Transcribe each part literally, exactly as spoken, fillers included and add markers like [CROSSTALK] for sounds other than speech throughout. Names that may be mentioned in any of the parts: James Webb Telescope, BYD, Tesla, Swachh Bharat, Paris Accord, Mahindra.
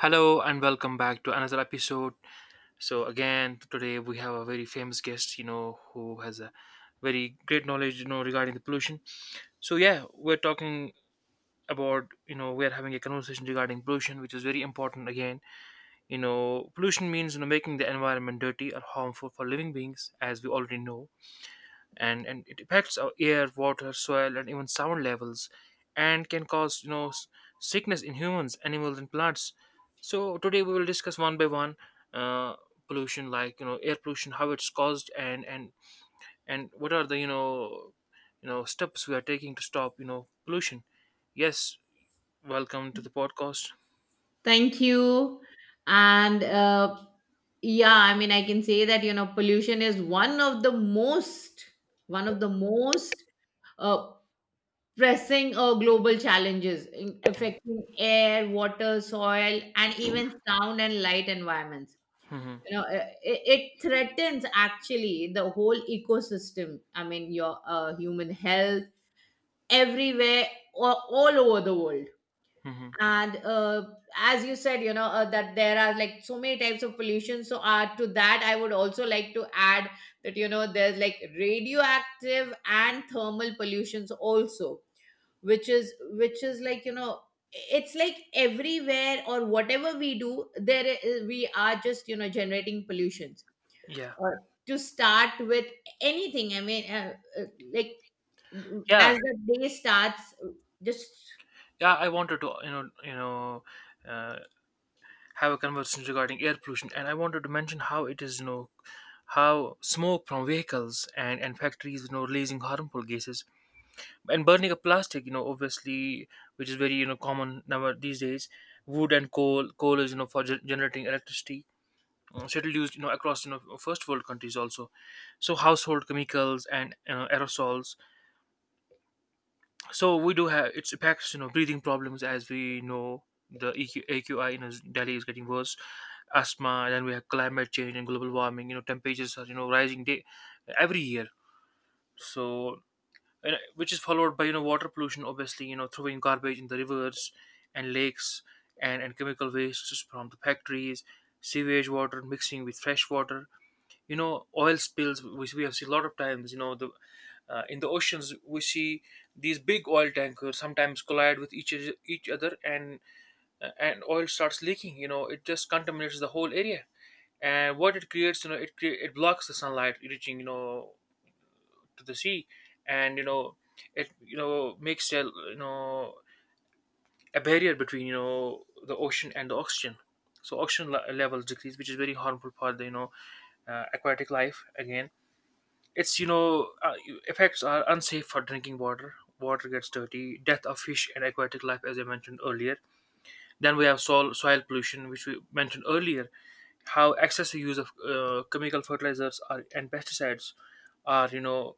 Hello and welcome back to another episode. So again, today we have a very famous guest, you know, who has a very great knowledge, you know, regarding the pollution. So yeah, we're talking about, you know, we are having a conversation regarding pollution, which is very important again. You know, pollution means you know making the environment dirty or harmful for living beings, as we already know, and and it affects our air, water, soil, and even sound levels, and can cause you know s- sickness in humans, animals, and plants. So today we will discuss one by one uh, pollution, like you know air pollution, how it's caused, and and and what are the you know you know steps we are taking to stop you know pollution. Yes, welcome to the podcast. Thank you. And uh, Yeah, I mean, I can say that, you know, pollution is one of the most, one of the most uh, pressing uh, global challenges in affecting air, water, soil, and even sound and light environments. Hmm. You know, uh, it, it threatens actually the whole ecosystem. I mean, your uh, human health everywhere, a- all over the world. Hmm. And uh, as you said, you know, uh, that there are like so many types of pollution, so uh, to that I would also like to add that, you know, there's like radioactive and thermal pollutions also, which is which is like, you know, it's like everywhere. Or whatever we do, there is, we are just, you know, generating pollutions. Yeah, uh, to start with anything, I mean, uh, uh, like, yeah, as the day starts, just... yeah, I wanted to you know you know uh, have a conversation regarding air pollution, and I wanted to mention how it is, you know how smoke from vehicles and, and factories, you know releasing harmful gases, and burning of plastic, you know obviously, which is very you know common now these days. Wood and coal coal is, you know for ge- generating electricity, uh, settled used, you know across, you know first world countries also. So household chemicals and uh, aerosols. So we do have its impacts, you know breathing problems, as we know, the E Q, AQI, you know Delhi is getting worse, asthma. Then we have climate change and global warming, you know temperatures are, you know rising day every year. So and, uh, which is followed by, you know water pollution. Obviously, you know throwing garbage in the rivers and lakes, and and chemical wastes from the factories, sewage water mixing with fresh water, you know oil spills, which we have seen a lot of times, you know the uh, in the oceans, we see these big oil tankers sometimes collide with each each other, and uh, and oil starts leaking. You know, it just contaminates the whole area. And what it creates, you know, it crea- it blocks the sunlight reaching, you know, to the sea, and, you know, it you know makes a, you know a barrier between, you know the ocean and the oxygen. So oxygen le- levels decrease, which is very harmful for the, you know uh, aquatic life. Again, it's, you know uh, effects are unsafe for drinking water. Water gets dirty, death of fish and aquatic life, as I mentioned earlier. Then we have soil soil pollution, which we mentioned earlier. How excessive use of uh, chemical fertilizers are, and pesticides are, you know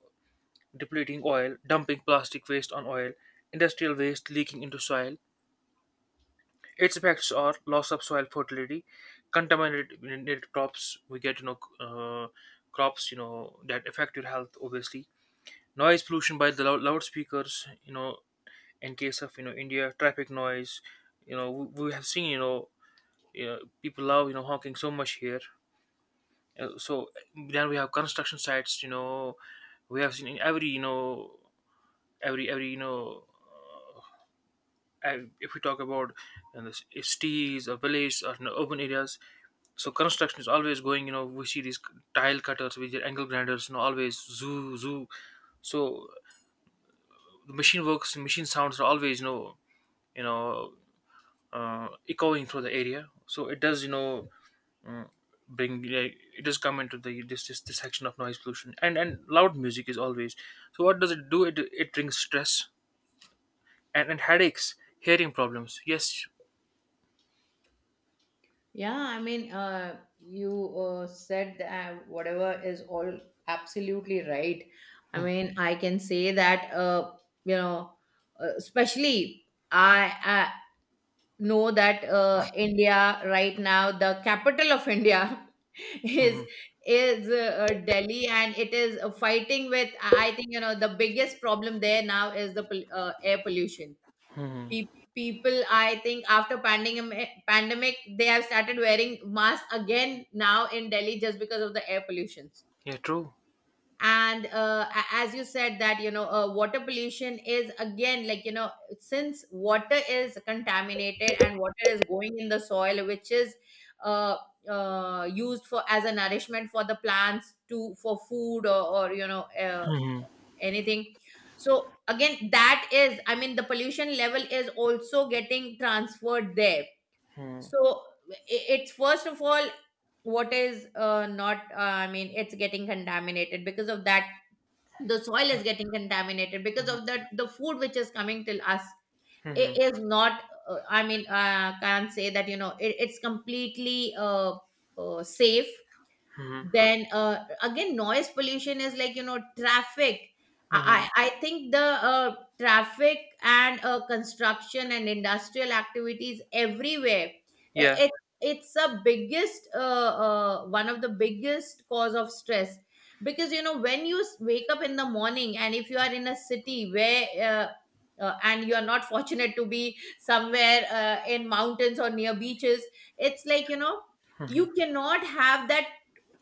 depleting oil, dumping plastic waste on oil, industrial waste leaking into soil. Its effects are loss of soil fertility, contaminated crops. We get, you know uh, crops, you know that affect your health, obviously. Noise pollution by the loud, loudspeakers, you know in case of, you know India, traffic noise, you know we, we have seen, you know uh, people love, you know honking so much here. Uh, so then we have construction sites, you know we have seen in every, you know every every you know uh, if we talk about, you know, the cities or villages, or, you know, urban areas. So construction is always going, you know we see these tile cutters with their angle grinders, you know always. Zoo, zoo. So the machine works machine sounds are always, you know you know uh, echoing through the area. So it does, you know bring, like, it does come into the this, this this section of noise pollution, and and loud music is always. So what does it do? It it brings stress, and, and headaches, hearing problems. Yes. Yeah, I mean, uh, you uh, said that whatever is all absolutely right. I mean, I can say that, uh, you know, uh, especially, I, I know that, uh, India right now, the capital of India [LAUGHS] is Hmm. is uh, Delhi, and it is uh, fighting with. I I think, you know, the biggest problem there now is the pol- uh, air pollution. Hmm. Pe- People, I think, after pandemic pandemic they have started wearing masks again now in Delhi just because of the air pollutions. Yeah, true. And uh, a- as you said that, you know, uh, water pollution is again, like, you know, since water is contaminated and water is going in the soil, which is uh, uh, used for as a nourishment for the plants, to for food, or, or you know, uh, Hmm. anything. So again, that is, I mean, the pollution level is also getting transferred there. Hmm. So i- it's first of all, what is uh, not uh, I mean, it's getting contaminated because of that. The soil is getting contaminated. Because of that, the food which is coming till us, it Hmm. is not, uh, I mean, uh, can't say that, you know, it, it's completely uh, uh, safe. Hmm. Then uh, again, noise pollution is like, you know, traffic. Hmm. I i I think the uh, traffic and uh, construction and industrial activities everywhere, i- Yeah. it, it's a biggest uh, uh, one of the biggest cause of stress. Because you know, when you s- wake up in the morning and if you are in a city where uh, uh, and you are not [LAUGHS] fortunate to be somewhere uh, in mountains or near beaches, it's like, you know, Hmm. you cannot have that.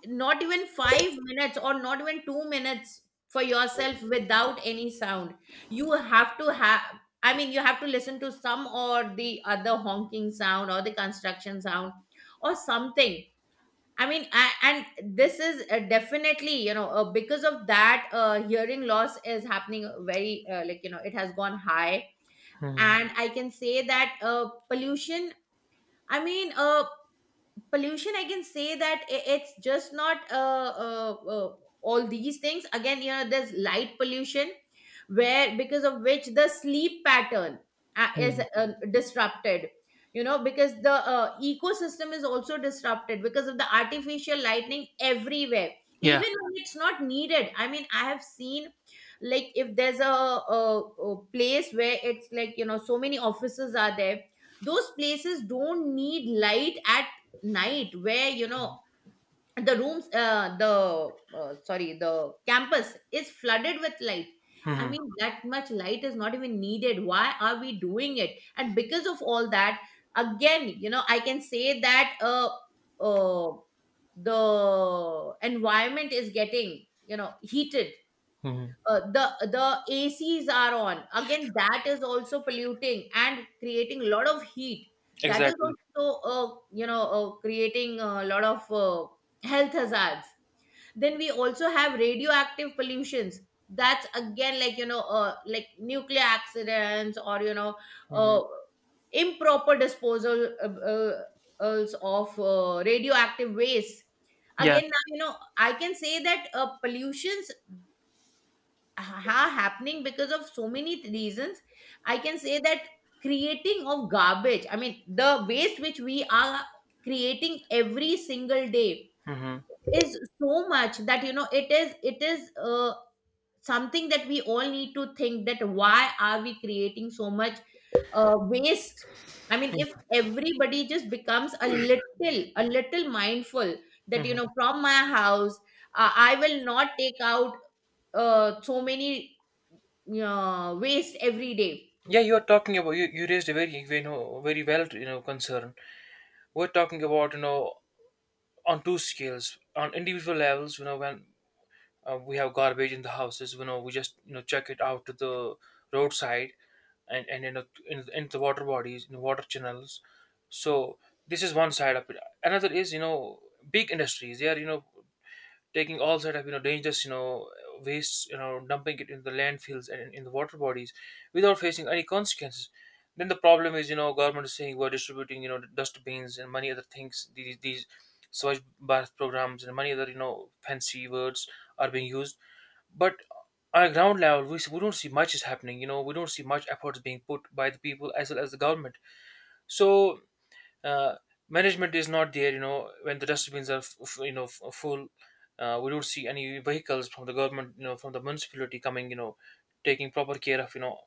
Not even five minutes or not even two minutes for yourself without any sound. You have to have, I mean, you have to listen to some or the other honking sound or the construction sound or something. I mean, I, and this is uh, definitely, you know, uh, because of that, uh, hearing loss is happening very, uh, like, you know, it has gone high. Hmm. And I can say that uh, pollution, I mean, uh, pollution, I can say that, i- it's just not uh, uh, uh, all these things. Again, you know, there's light pollution, where because of which the sleep pattern uh, is Hmm. uh, disrupted. You know, because the uh, ecosystem is also disrupted because of the artificial lightning everywhere, Yeah. even when it's not needed. I mean, I have seen, like, if there's a, a, a place where it's like, you know, so many offices are there, those places don't need light at night, where, you know, the rooms, uh, the uh, sorry, the campus is flooded with light. I Hmm. mean, that much light is not even needed. Why are we doing it? And because of all that, again, you know, I can say that uh, uh the environment is getting, you know, heated. Hmm. uh, the the A Cs are on. Again, that is also polluting and creating a lot of heat. That is Exactly. also, uh, you know, uh, creating a lot of uh, health hazards. Then we also have radioactive pollutions. That's again, like, you know, uh, like nuclear accidents or you know, Hmm. uh, improper disposal, uh, uh, als of uh, radioactive waste. Yeah. Again, now, you know, I can say that uh, pollutions ha- happening because of so many reasons. I can say that creating of garbage, I mean the waste which we are creating every single day, Hmm. is so much that, you know, it is it is, uh, something that we all need to think, that why are we creating so much uh, waste. I mean, if everybody just becomes a little a little mindful, that, you know, Hmm. from my house, uh, I will not take out uh, so many uh, waste every day. Yeah, you are talking about, you, you raised a very, you know very well, you know concern. We're talking about, you know, on two scales, on individual levels, you know, when uh, we have garbage in the houses, you know, we just, you know, check it out to the roadside, and, and, you know, in, in the water bodies, in the water channels. So this is one side of it. Another is, you know, big industries. They are, you know, taking all sort of, you know dangerous, you know wastes, you know dumping it in the landfills and in in the water bodies, without facing any consequences. Then the problem is, you know government is saying we're distributing, you know dustbins and many other things. These, these Swachh Bharat programs and many other, you know fancy words are being used, but on a ground level we, s- we don't see much is happening. You know, we don't see much efforts being put by the people as well as the government. So uh, management is not there. You know, when the dustbins are f- f- you know f- full, uh, we don't see any vehicles from the government, you know from the municipality coming, you know taking proper care of, you know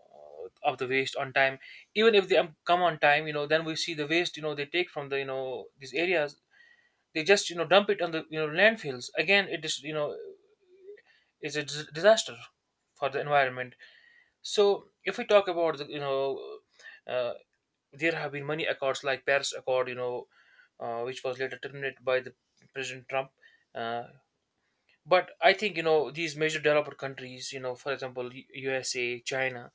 uh, of the waste on time. Even if they um, come on time, you know then we see the waste, you know they take from the, you know these areas, they just, you know dump it on the, you know landfills. Again, it is, you know is a dis- disaster for the environment. So if we talk about the, you know uh, there have been many accords, like Paris Accord, you know, uh, which was later terminated by the President Trump. Uh, but I think, you know these major developed countries, you know, for example, U- USA, China,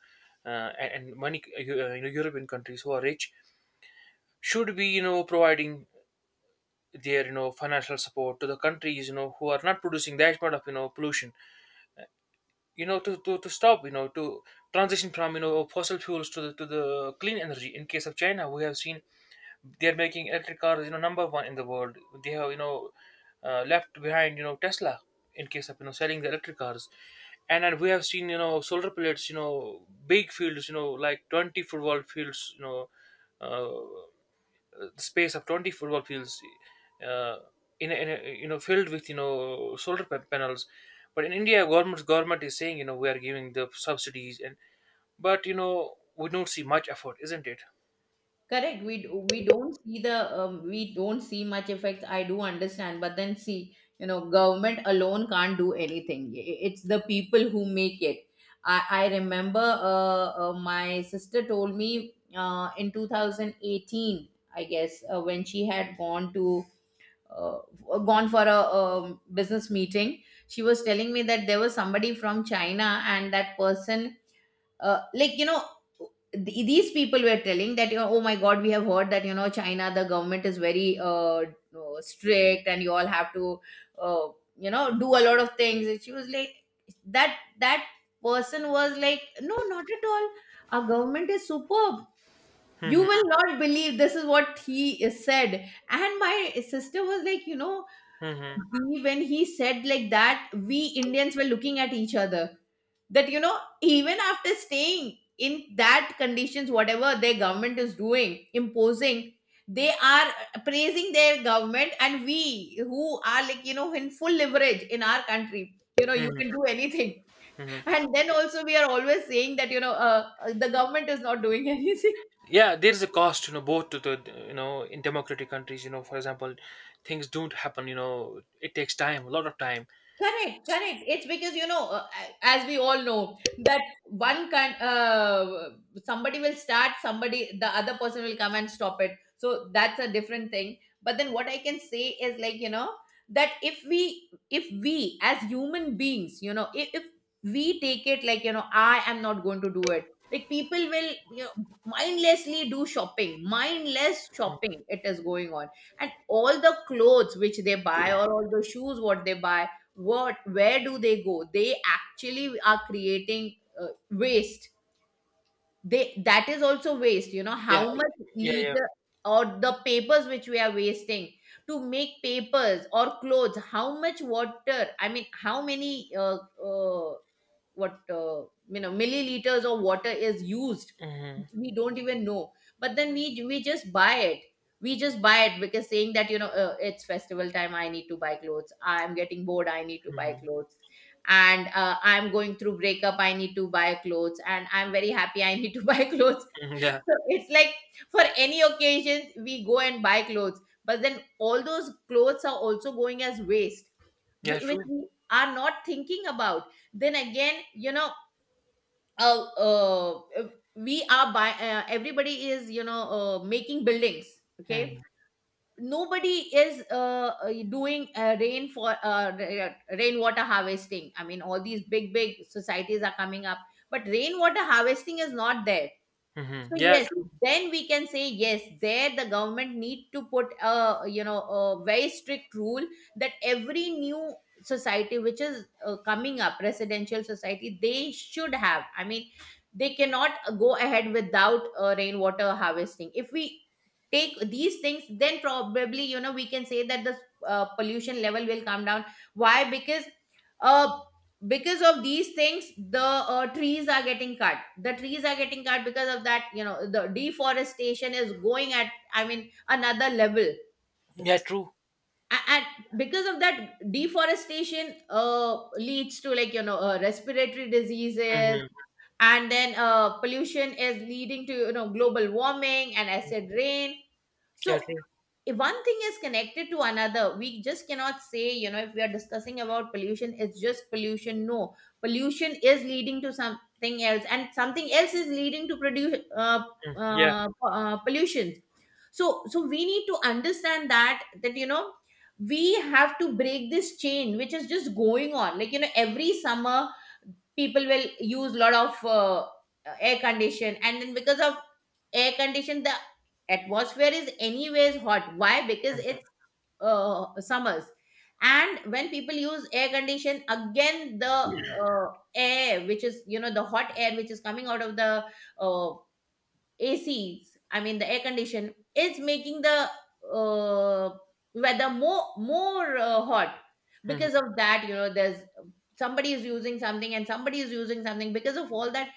uh, and, and many uh, Eu- uh, you know European countries who are rich, should be, you know providing their, you know financial support to the countries, you know who are not producing that much of, you know pollution. You know, to, to, to stop, you know to transition from, you know fossil fuels to the to the clean energy. In case of China, we have seen they're making electric cars, you know, number one in the world. They have, you know, uh, left behind, you know, Tesla, in case of, you know selling the electric cars, and and we have seen, you know solar pellets, you know, big fields, you know, like twenty football fields, you know, uh, the space of twenty football fields, uh, in, a, in a, you know filled with, you know solar pa- panels. But in India, government government is saying, you know we are giving the subsidies, and but, you know we don't see much effort, isn't it? Correct. We d- we don't see the um, we don't see much effects. I do understand, but then, see, you know, government alone can't do anything. I- it's the people who make it. I I remember, uh, uh, my sister told me, uh, in two thousand eighteen, I guess, uh, when she had gone to, uh, gone for a um, business meeting. She was telling me that there was somebody from China, and that person, uh, like, you know, th- these people were telling that, you know, oh my god, we have heard that, you know, China, the government is very uh, uh, strict and you all have to, uh, you know, do a lot of things. And she was like, that that person was like, no, not at all, our government is superb. You Hmm. will not believe. This is what he said. And my sister was like, you know, Hmm. he- when he said like that, we Indians were looking at each other, that, you know, even after staying in that conditions, whatever their government is doing imposing, they are praising their government, and we who are like, you know, in full leverage in our country, you know, you can Hmm. do anything. Hmm. [LAUGHS] And then also we are always saying that, you know, uh, uh, the government is not doing [LAUGHS] anything. Yeah, there is a cost, you know both to the, you know in democratic countries, you know for example, things don't happen, you know it takes time, a lot of time. Correct, S- correct. It's because, you know, uh, as we all know, that one can, uh, somebody will start, somebody the other person will come and stop it. So that's a different thing. But then what I can say is, like, you know, that if we, if we as human beings, you know, if, if we take it like, you know, I am not going to do it. Like people will, you know, mindlessly do shopping, mindless shopping. It is going on, and all the clothes which they buy or all the shoes what they buy, what, where do they go? They actually are creating uh, waste. They, that is also waste. You know yeah, how much yeah, yeah. liter, or the papers which we are wasting to make papers or clothes, how much water, I mean how many uh, uh, what uh, you know, milliliters of water is used, Hmm. we don't even know. But then we we just buy it. We just buy it, because saying that, you know, uh, it's festival time, I need to buy clothes. I'm getting bored, I need to buy Hmm. clothes. And uh, I'm going through breakup, I need to buy clothes. And I'm very happy, I need to [LAUGHS] buy clothes. Hmm. Yeah. So it's like, for any occasion we go and buy clothes, but then all those clothes are also going as waste, Yeah, whi- which true. we are not thinking about. Then again, you know, uh, uh, uh, we are by, uh, everybody is, you know, uh, making buildings, okay. Hmm. Nobody is uh, uh, doing uh, rain for uh, ra- rainwater harvesting. I mean, all these big big societies are coming up, but rainwater harvesting is not there. Hmm. So Yeah, yes, true. then we can say, yes, there the government need to put a, you know, a very strict rule, that every new society which is uh, coming up, residential society, they should have, I mean, they cannot go ahead without uh, rainwater harvesting. If we take these things, then probably, you know, we can say that the uh, pollution level will come down. Why? Because uh because of these things, the uh, trees are getting cut. The trees are getting cut, because of that, you know, the deforestation is going at, I mean, another level. Yeah, true. A- and because of that deforestation uh, leads to, like, you know, uh, respiratory diseases. Hmm. And then uh, pollution is leading to, you know, global warming and acid rain. Yeah, So true. if one thing is connected to another, we just cannot say, you know, if we are discussing about pollution, it's just pollution. No, pollution is leading to something else, and something else is leading to produce, uh, Yeah. uh, uh, pollution. So so we need to understand that that, you know, we have to break this chain, which is just going on. Like, you know, every summer, people will use lot of uh, air condition, and then because of air condition, the atmosphere is anyways hot. Why? Because it's Hmm. uh, summers. And when people use air condition, again, the uh, air which is, you know, the hot air which is coming out of the uh, ACs. I mean, the air condition is making the uh, weather more more uh, hot. Because Hmm. of that, you know, there's somebody is using something and somebody is using something. Because of all that,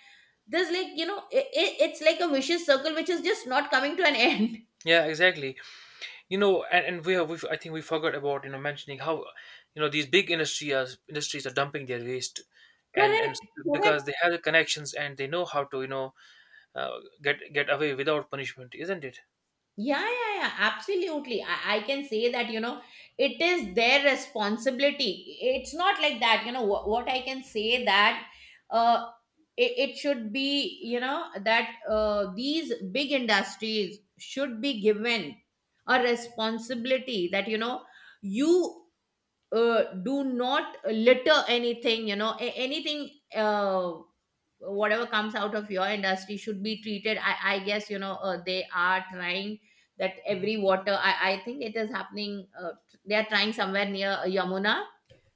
there's, like, you know, it, it's like a vicious circle which is just not coming to an [LAUGHS] end. Yeah, exactly. You know, and, and we have we, I think we forgot about, you know mentioning how, you know these big industries industries are dumping their waste, and Correct, and correct. because they have the connections, and they know how to, you know uh, get get away without punishment, isn't it? Yeah, yeah, yeah. Absolutely. I, I can say that, you know, it is their responsibility. It's not like that, you know, what, what I can say that uh, it, it should be, you know, that uh, these big industries should be given a responsibility that, you know, you uh, do not litter anything, you know, a- anything. Uh, Whatever comes out of your industry should be treated. i, I guess, you know, uh, they are trying that Mhm. every water. i, I think it is happening. Uh, they are trying somewhere near Yamuna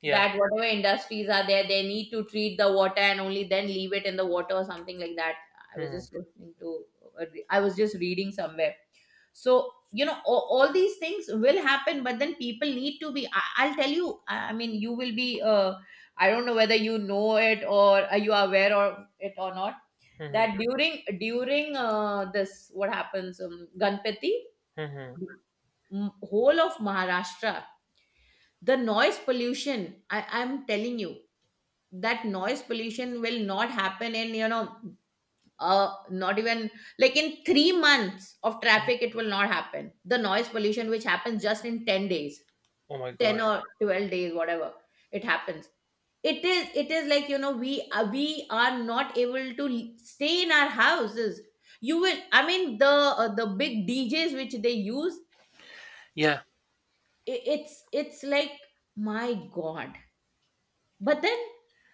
Yeah. that whatever industries are there, they need to treat the water and only then leave it in the water or something like that. I was Hmm. just listening to uh, I was just reading somewhere. So, you know, all, all these things will happen, but then people need to be. I, I'll tell you. i I mean, you will be uh, I don't know whether you know it or are you are aware of it or not, Hmm. that during during uh, this, what happens, um, Ganpati, Hmm. m- whole of Maharashtra, the noise pollution. I, I'm telling you that noise pollution will not happen in, you know, uh, not even like in three months of traffic. It will not happen. The noise pollution which happens just in ten days, Oh my ten God. or twelve days, whatever, it happens. It is, it is like, you know, we uh, we are not able to l- stay in our houses. You will, I mean, the uh, the big DJs which they use, Yeah. i- it's it's like my god. But then,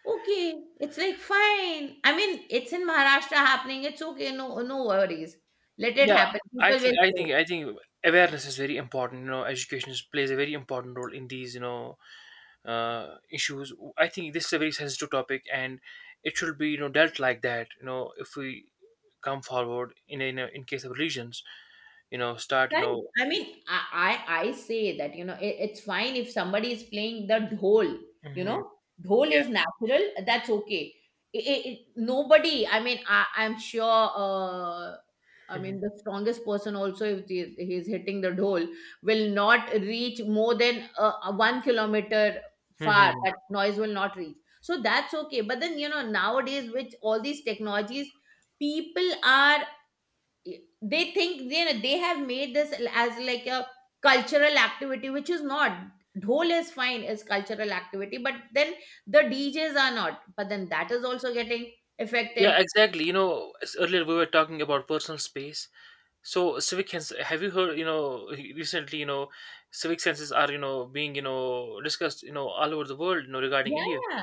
okay, it's like fine. I mean, it's in Maharashtra happening. It's okay. No, no worries. Let it Yeah. happen. I People think will I say. think I think awareness is very important. You know, education is, plays a very important role in these, you know uh, issues. I think this is a very sensitive topic, and it should be, you know dealt like that. You know, if we come forward in a, in, a, in case of religions, you know, start, you Correct. know. I mean, I, I, I say that, you know, it, it's fine if somebody is playing the dhol, you Hmm. know. Dhol Yeah. is natural. That's okay. It, it, it- nobody, I mean, I, I'm sure, uh, I Hmm. mean, the strongest person also, if he, he's hitting the dhol, will not reach more than uh, uh, one kilometer far. Hmm. That noise will not reach. So that's okay. But then, you know, nowadays, with all these technologies, people are, they think they they have made this as like a cultural activity, which is not. Dhol is fine, is cultural activity, but then the DJs are not. But then that is also getting affected. Yeah, exactly. You know, as earlier we were talking about personal space. So civic sense, have you heard? You know, recently, you know, civic senses are, you know being, you know discussed, you know all over the world, you know, regarding Yeah, India. yeah.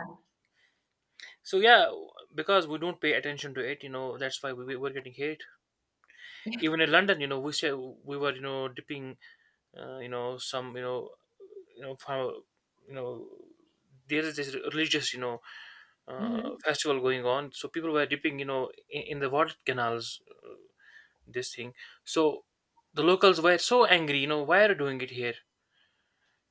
So yeah, because we don't pay attention to it, you know, that's why we we- we getting hate. Even in London, you know, we say we were, you know dipping, uh, you know, some, you know you know from, you know there is this religious, you know [LAUGHS] uh, Mhm. festival going on, so people were dipping, you know in, in the water canals, this thing. So the locals were so angry, you know, why are you doing it here?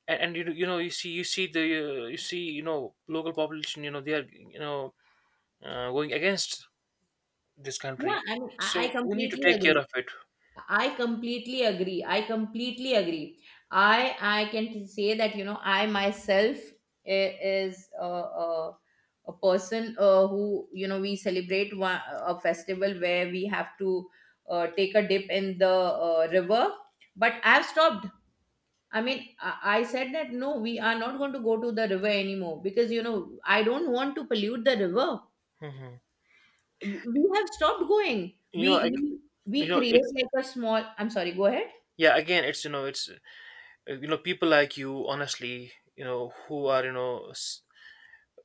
and, and you you know you see you see the uh, you see you know local population you know they are you know uh, going against this Yeah, country, I mean, i I so we need to completely take agree. care of it. I completely agree. I completely agree. I I can say that, you know, I myself i- is a, a, a person, uh, who, you know, we celebrate one, a festival where we have to uh, take a dip in the uh, river, but I've stopped. I mean, I, I said that no, we are not going to go to the river anymore because, you know, I don't want to pollute the river. Hmm We we have stopped going. you We know like we, you we know create it's like a small. I'm sorry. Go ahead. yeah again it's you know it's uh, you know people like you, honestly, you know who are you know s-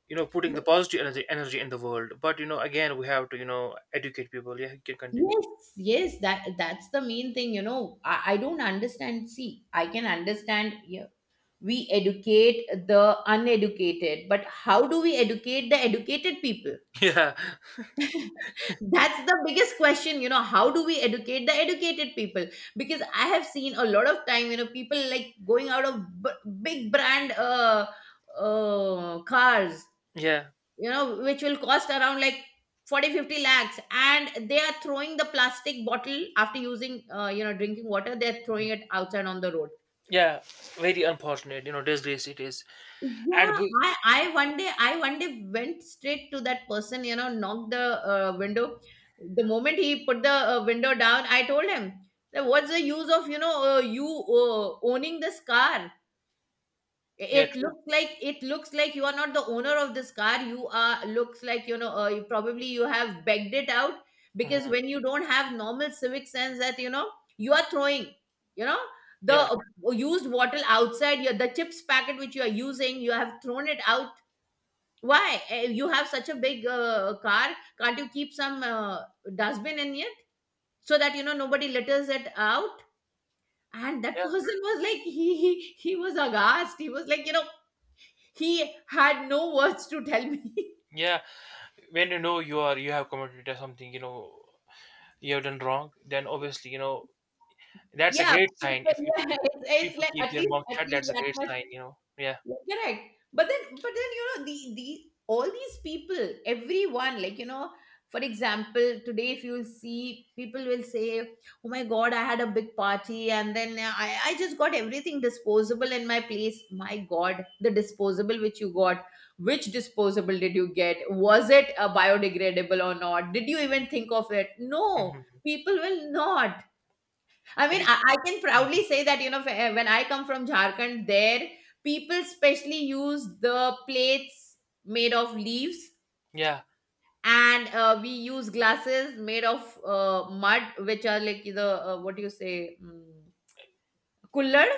you know putting the positive energy energy in the world. But you know again we have to you know educate people. Yeah, you can continue. Yes, yes, that that's the main thing, you know. I, I don't understand. See, I can understand, yeah, we educate the uneducated, but how do we educate the educated people? [LAUGHS] Yeah, [LAUGHS] That's the biggest question, you know. How do we educate the educated people? Because I have seen a lot of time, you know, people like going out of b- big brand uh, uh, cars, yeah, you know, which will cost around like forty fifty lakhs, and they are throwing the plastic bottle after using, uh, you know, drinking water. They're throwing it outside on the road. yeah, very unfortunate, you know disgrace it is. And Yeah, we. I I one day, I one day, went straight to that person, you know, knocked the uh, window. The moment he put the uh, window down, I told him that what's the use of, you know, uh, you uh, owning this car. Yeah, It true. looks like, it looks like you are not the owner of this car. You are, looks like, you know, uh, you probably you have begged it out. Because Mhm. when you don't have normal civic sense, that, you know, you are throwing, you know, the Yeah, uh, used bottle outside, your the chips packet which you are using, you have thrown it out. Why? Eh, you have such a big uh, car. Can't you keep some uh, dustbin in it so that, you know, nobody litters it out? And that [LAUGHS] yeah. person was like, he he, he was aghast. He was like, you know, he had no words to tell me. [LAUGHS] Yeah, when you know you are, you have committed to something, you know you have done wrong, then obviously, you know that's a Yeah, great people, sign. If if, yeah, if, it's, if it's people like, keep at their least, mouth at shut, least that's a that great much. sign. You know, yeah. Correct. But then, but then, you know, the the all these people, everyone, like, you know, for example, today, if you'll see, people will say, oh my god, I had a big party, and then, uh, I I just got everything disposable in my place. My god, the disposable which you got, which disposable did you get? Was it a biodegradable or not? Did you even think of it? No, Mhm. people will not. I It mean, is. I, I can proudly Mhm. say that, you know, wh- eh, when I come from Jharkhand, there people specially use the plates made of leaves, Yeah, and uh, we use glasses made of uh, mud, which are like the, uh, what do you say, mm, kullad?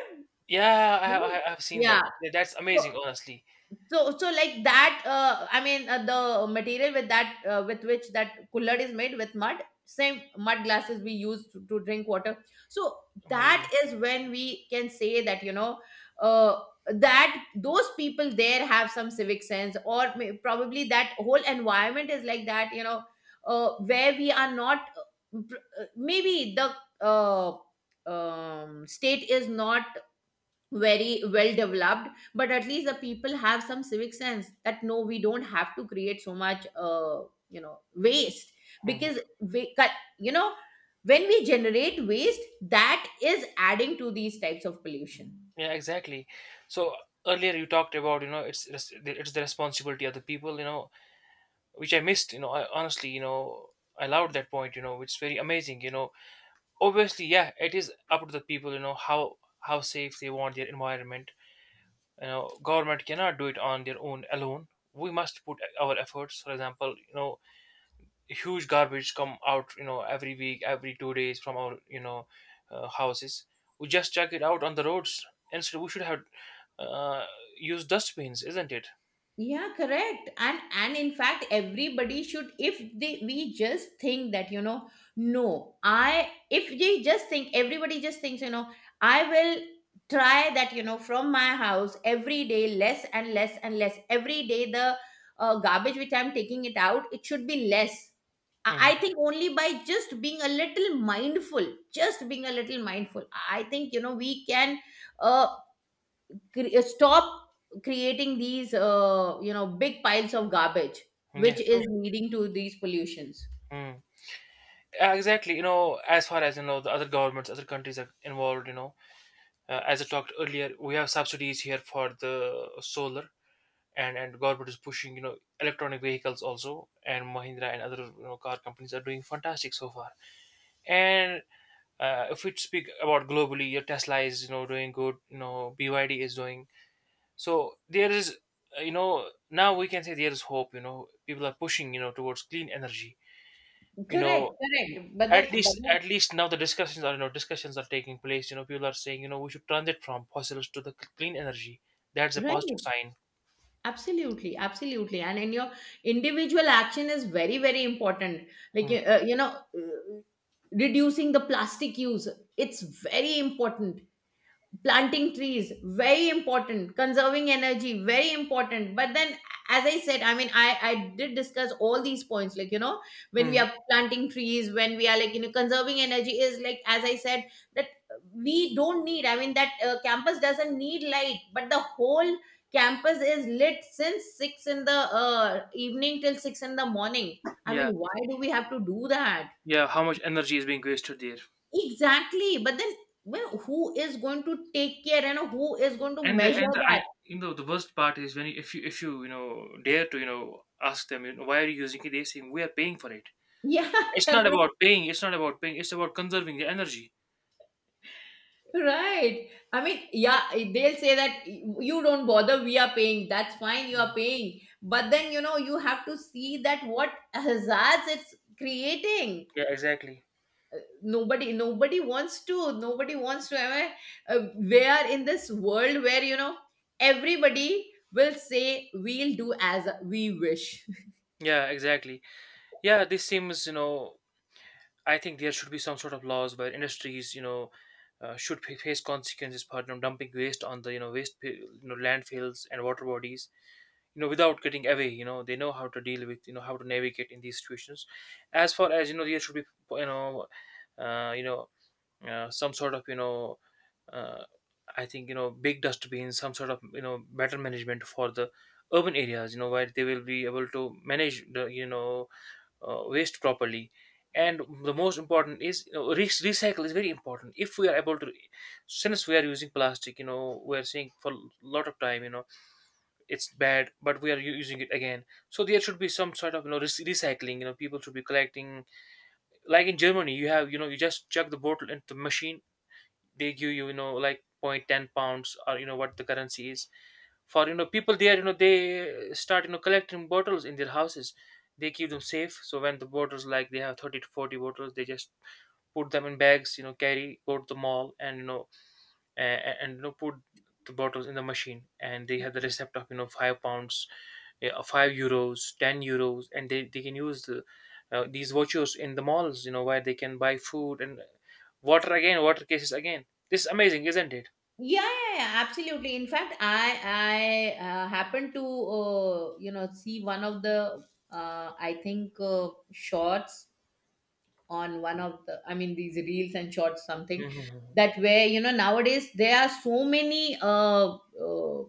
yeah, You I, know? I I- I've seen Yeah. that. Tha- That's So, amazing, honestly, So, so like that, uh, I mean, uh, the material with that, uh, with which that cooler is made, with mud, same mud glasses we use to, to drink water. So that amazing. is when we can say that, you know, uh, that those people there have some civic sense, or may, probably that whole environment is like that, you know, uh, where we are not, uh, pr- uh, maybe the, uh, um, state is not very well developed, but at least the people have some civic sense that no, we don't have to create so much uh, you know, waste. Hmm. Because we cut, you know, when we generate waste, that is adding to these types of pollution. Yeah, exactly. So earlier you talked about, you know it's res- it's the responsibility of the people, you know which I missed. You know, I honestly, you know I loved that point. You know, which is very amazing. You know, obviously, yeah, it is up to the people, you know how how safe they want their environment. you know government cannot do it on their own alone. We must put our efforts. For example, you know huge garbage come out, you know every week, every two days from our you know uh, houses. We just chuck it out on the roads. Instead, we should have uh, used dustbins, isn't it? Yeah, correct. and and in fact, everybody should, if they we just think that, you know, no, I if they just think, everybody just thinks, you know, I will try that, you know, from my house every day less and less and less. Every day the uh, garbage which I'm taking it out, it should be less. I I Hmm. think only by just being a little mindful, just being a little mindful, I think, you know, we can uh, cre- uh, stop creating these uh, you know, big piles of garbage which Yeah, true. is leading to these pollutions. Mm. Yeah, exactly, you know, as far as you know, the other governments, other countries are involved, you know, uh, as I talked earlier, we have subsidies here for the solar, and and government is pushing you know electronic vehicles also, and Mahindra and other you know car companies are doing fantastic so far. And uh, if we speak about globally, your Tesla is you know doing good, you know B Y D is doing so. There is uh, you know now we can say there is hope. You know, people are pushing, you know towards clean energy. you Correct, know correct. But then, at but least then, at least now the discussions are, you know discussions are taking place. You know, people are saying, you know we should transit from fossils to the c- clean energy. That's a positive right, sign. absolutely, absolutely. And in your individual action is very, very important. Like, Hmm. uh, you know, uh, reducing the plastic use, it's very important. Planting trees, very important. Conserving energy, very important. But then, as I said, I mean, I I did discuss all these points, like, you know, when we Hmm. are planting trees, when we are, like, you know, conserving energy is, like, as I said, that we don't need. I mean, that uh, campus doesn't need light, but the whole campus is lit since six in the uh, evening till six in the morning. I Yeah, mean, why do we have to do that? yeah, how much energy is being wasted there. Exactly. But then, well, who is going to take care and who is going to and the and measure the, that? I, you know, the worst part is when you, if you if you, you know dare to you know ask them, you know, why are you using it, they say we are paying for it. Yeah, [LAUGHS] It's not about correct. paying. It's not about paying it's about conserving the energy. Right. I mean, yeah, they'll say that you don't bother, we are paying. That's fine, you are Mhm. paying. But then, you know, you have to see that what hazards it's creating. Yeah, exactly. Nobody, nobody wants to, nobody wants to. I mean, uh, we are in this world where, you know, everybody will say, we'll do as we wish. Yeah, exactly. Yeah, this seems, you know I think there should be some sort of laws where industries, you know, uh, should fa- face consequences for, you know, dumping waste on the, you know waste pa- you know landfills and water bodies, you know, without getting away. You know, they know how to deal with, you know, how to navigate in these situations. As far as you know, there should be, you know, uh, you know, uh, some sort of, you know, uh, I think, you know, big dustbins, some sort of, you know, better management for the urban areas. You know, where they will be able to manage the, you know uh, waste properly. And the most important is, you know, re- recycle is very important. If we are able to, since we are using plastic, you know we are saying for a lot of time, you know it's bad, but we are u- using it again. So there should be some sort of, you know re- recycling. You know, people should be collecting, like in Germany, you have, you know you just chuck the bottle into the machine, they give you, you know like point ten pounds or, you know what the currency is, for, you know people there, you know they start, you know collecting bottles in their houses. They keep them safe, so when the bottles, like they have thirty to forty bottles, they just put them in bags, you know carry go to the mall and, you know and, and you know put the bottles in the machine, and they have the receipt of, you know five pounds. Yeah, five euros, ten euros, and they, they can use the uh, these vouchers in the malls, you know where they can buy food and water. Again, water cases again. This is amazing, isn't it? Yeah, yeah, yeah, absolutely. In fact, I I uh, happened to, uh, you know, see one of the uh, I think, uh, shorts on one of the, I mean, these reels and shorts something. Hmm. That where, you know, nowadays there are so many uh, uh,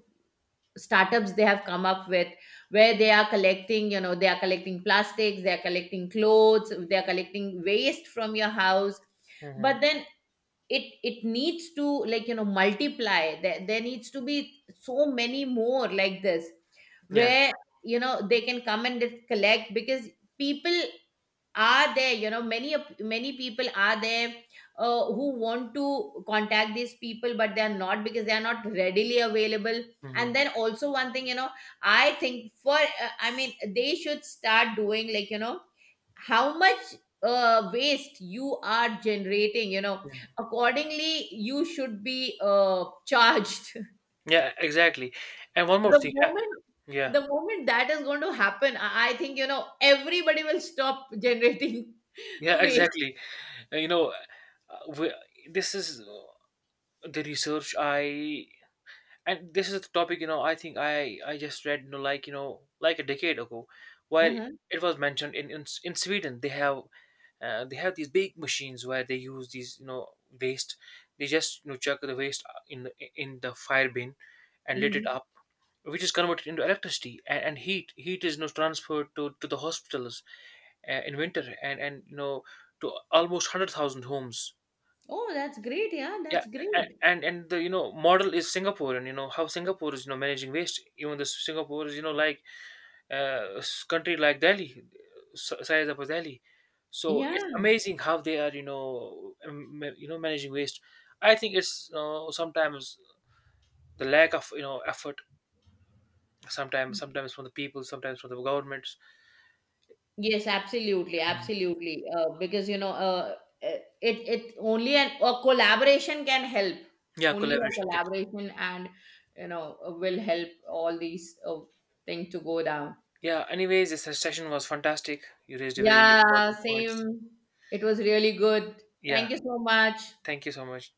startups they have come up with, where they are collecting, you know, they are collecting plastics, they are collecting clothes, they are collecting waste from your house. Hmm. But then, it it needs to, like, you know, multiply. There, there needs to be so many more like this, Yeah. where, you know, they can come and just collect. Because people are there, you know, many of- many people are there, uh, who want to contact these people, but they are not, because they are not readily available. Hmm. And then also, one thing, you know, I think for, uh, I mean, they should start doing, like, you know, how much uh, waste you are generating, you know, accordingly you should be uh, charged. [LAUGHS] Yeah, exactly. And one more the thing. Yeah, moment yeah, the moment that is going to happen, i I think, you know, everybody will stop generating [LAUGHS] yeah, waste. exactly. Uh, You know, uh, we, this is uh, the research I, and this is the topic. You know, I think I I just read, you know, like, you know, like a decade ago, where Uh-huh. it was mentioned in in, S- in Sweden, they have, uh, they have these big machines where they use these, you know waste. They just, you know chuck the waste, uh, in the in the fire bin and lit it Hmm. up, which is converted into electricity and, and heat. Heat is, you know, transferred to, to the hospitals, uh, in winter and and you know to almost one hundred thousand homes. Oh, that's great. Yeah, Yeah. that's a- great. and and the, you know model is Singapore, and you know how singapore is, you know managing waste. Even the Singapore is, you know like uh s- country like Delhi, s- size of Delhi. So it's Yeah. amazing how they are, you know um, ma- you know managing waste. I think it's, you know, sometimes the lack of, you know effort sometimes, sometimes from the people, sometimes from the governments. Yes, absolutely, absolutely. Uh, because, you know, uh, uh, it it only an, a collaboration can help. Yeah, Only a collaboration. collaboration, and, you know, uh, will help all these uh, things to go down. Yeah, anyways, this session was fantastic. You raised a very Yeah, important points. same. It was really good. Yeah, Thank you so much. thank you so much.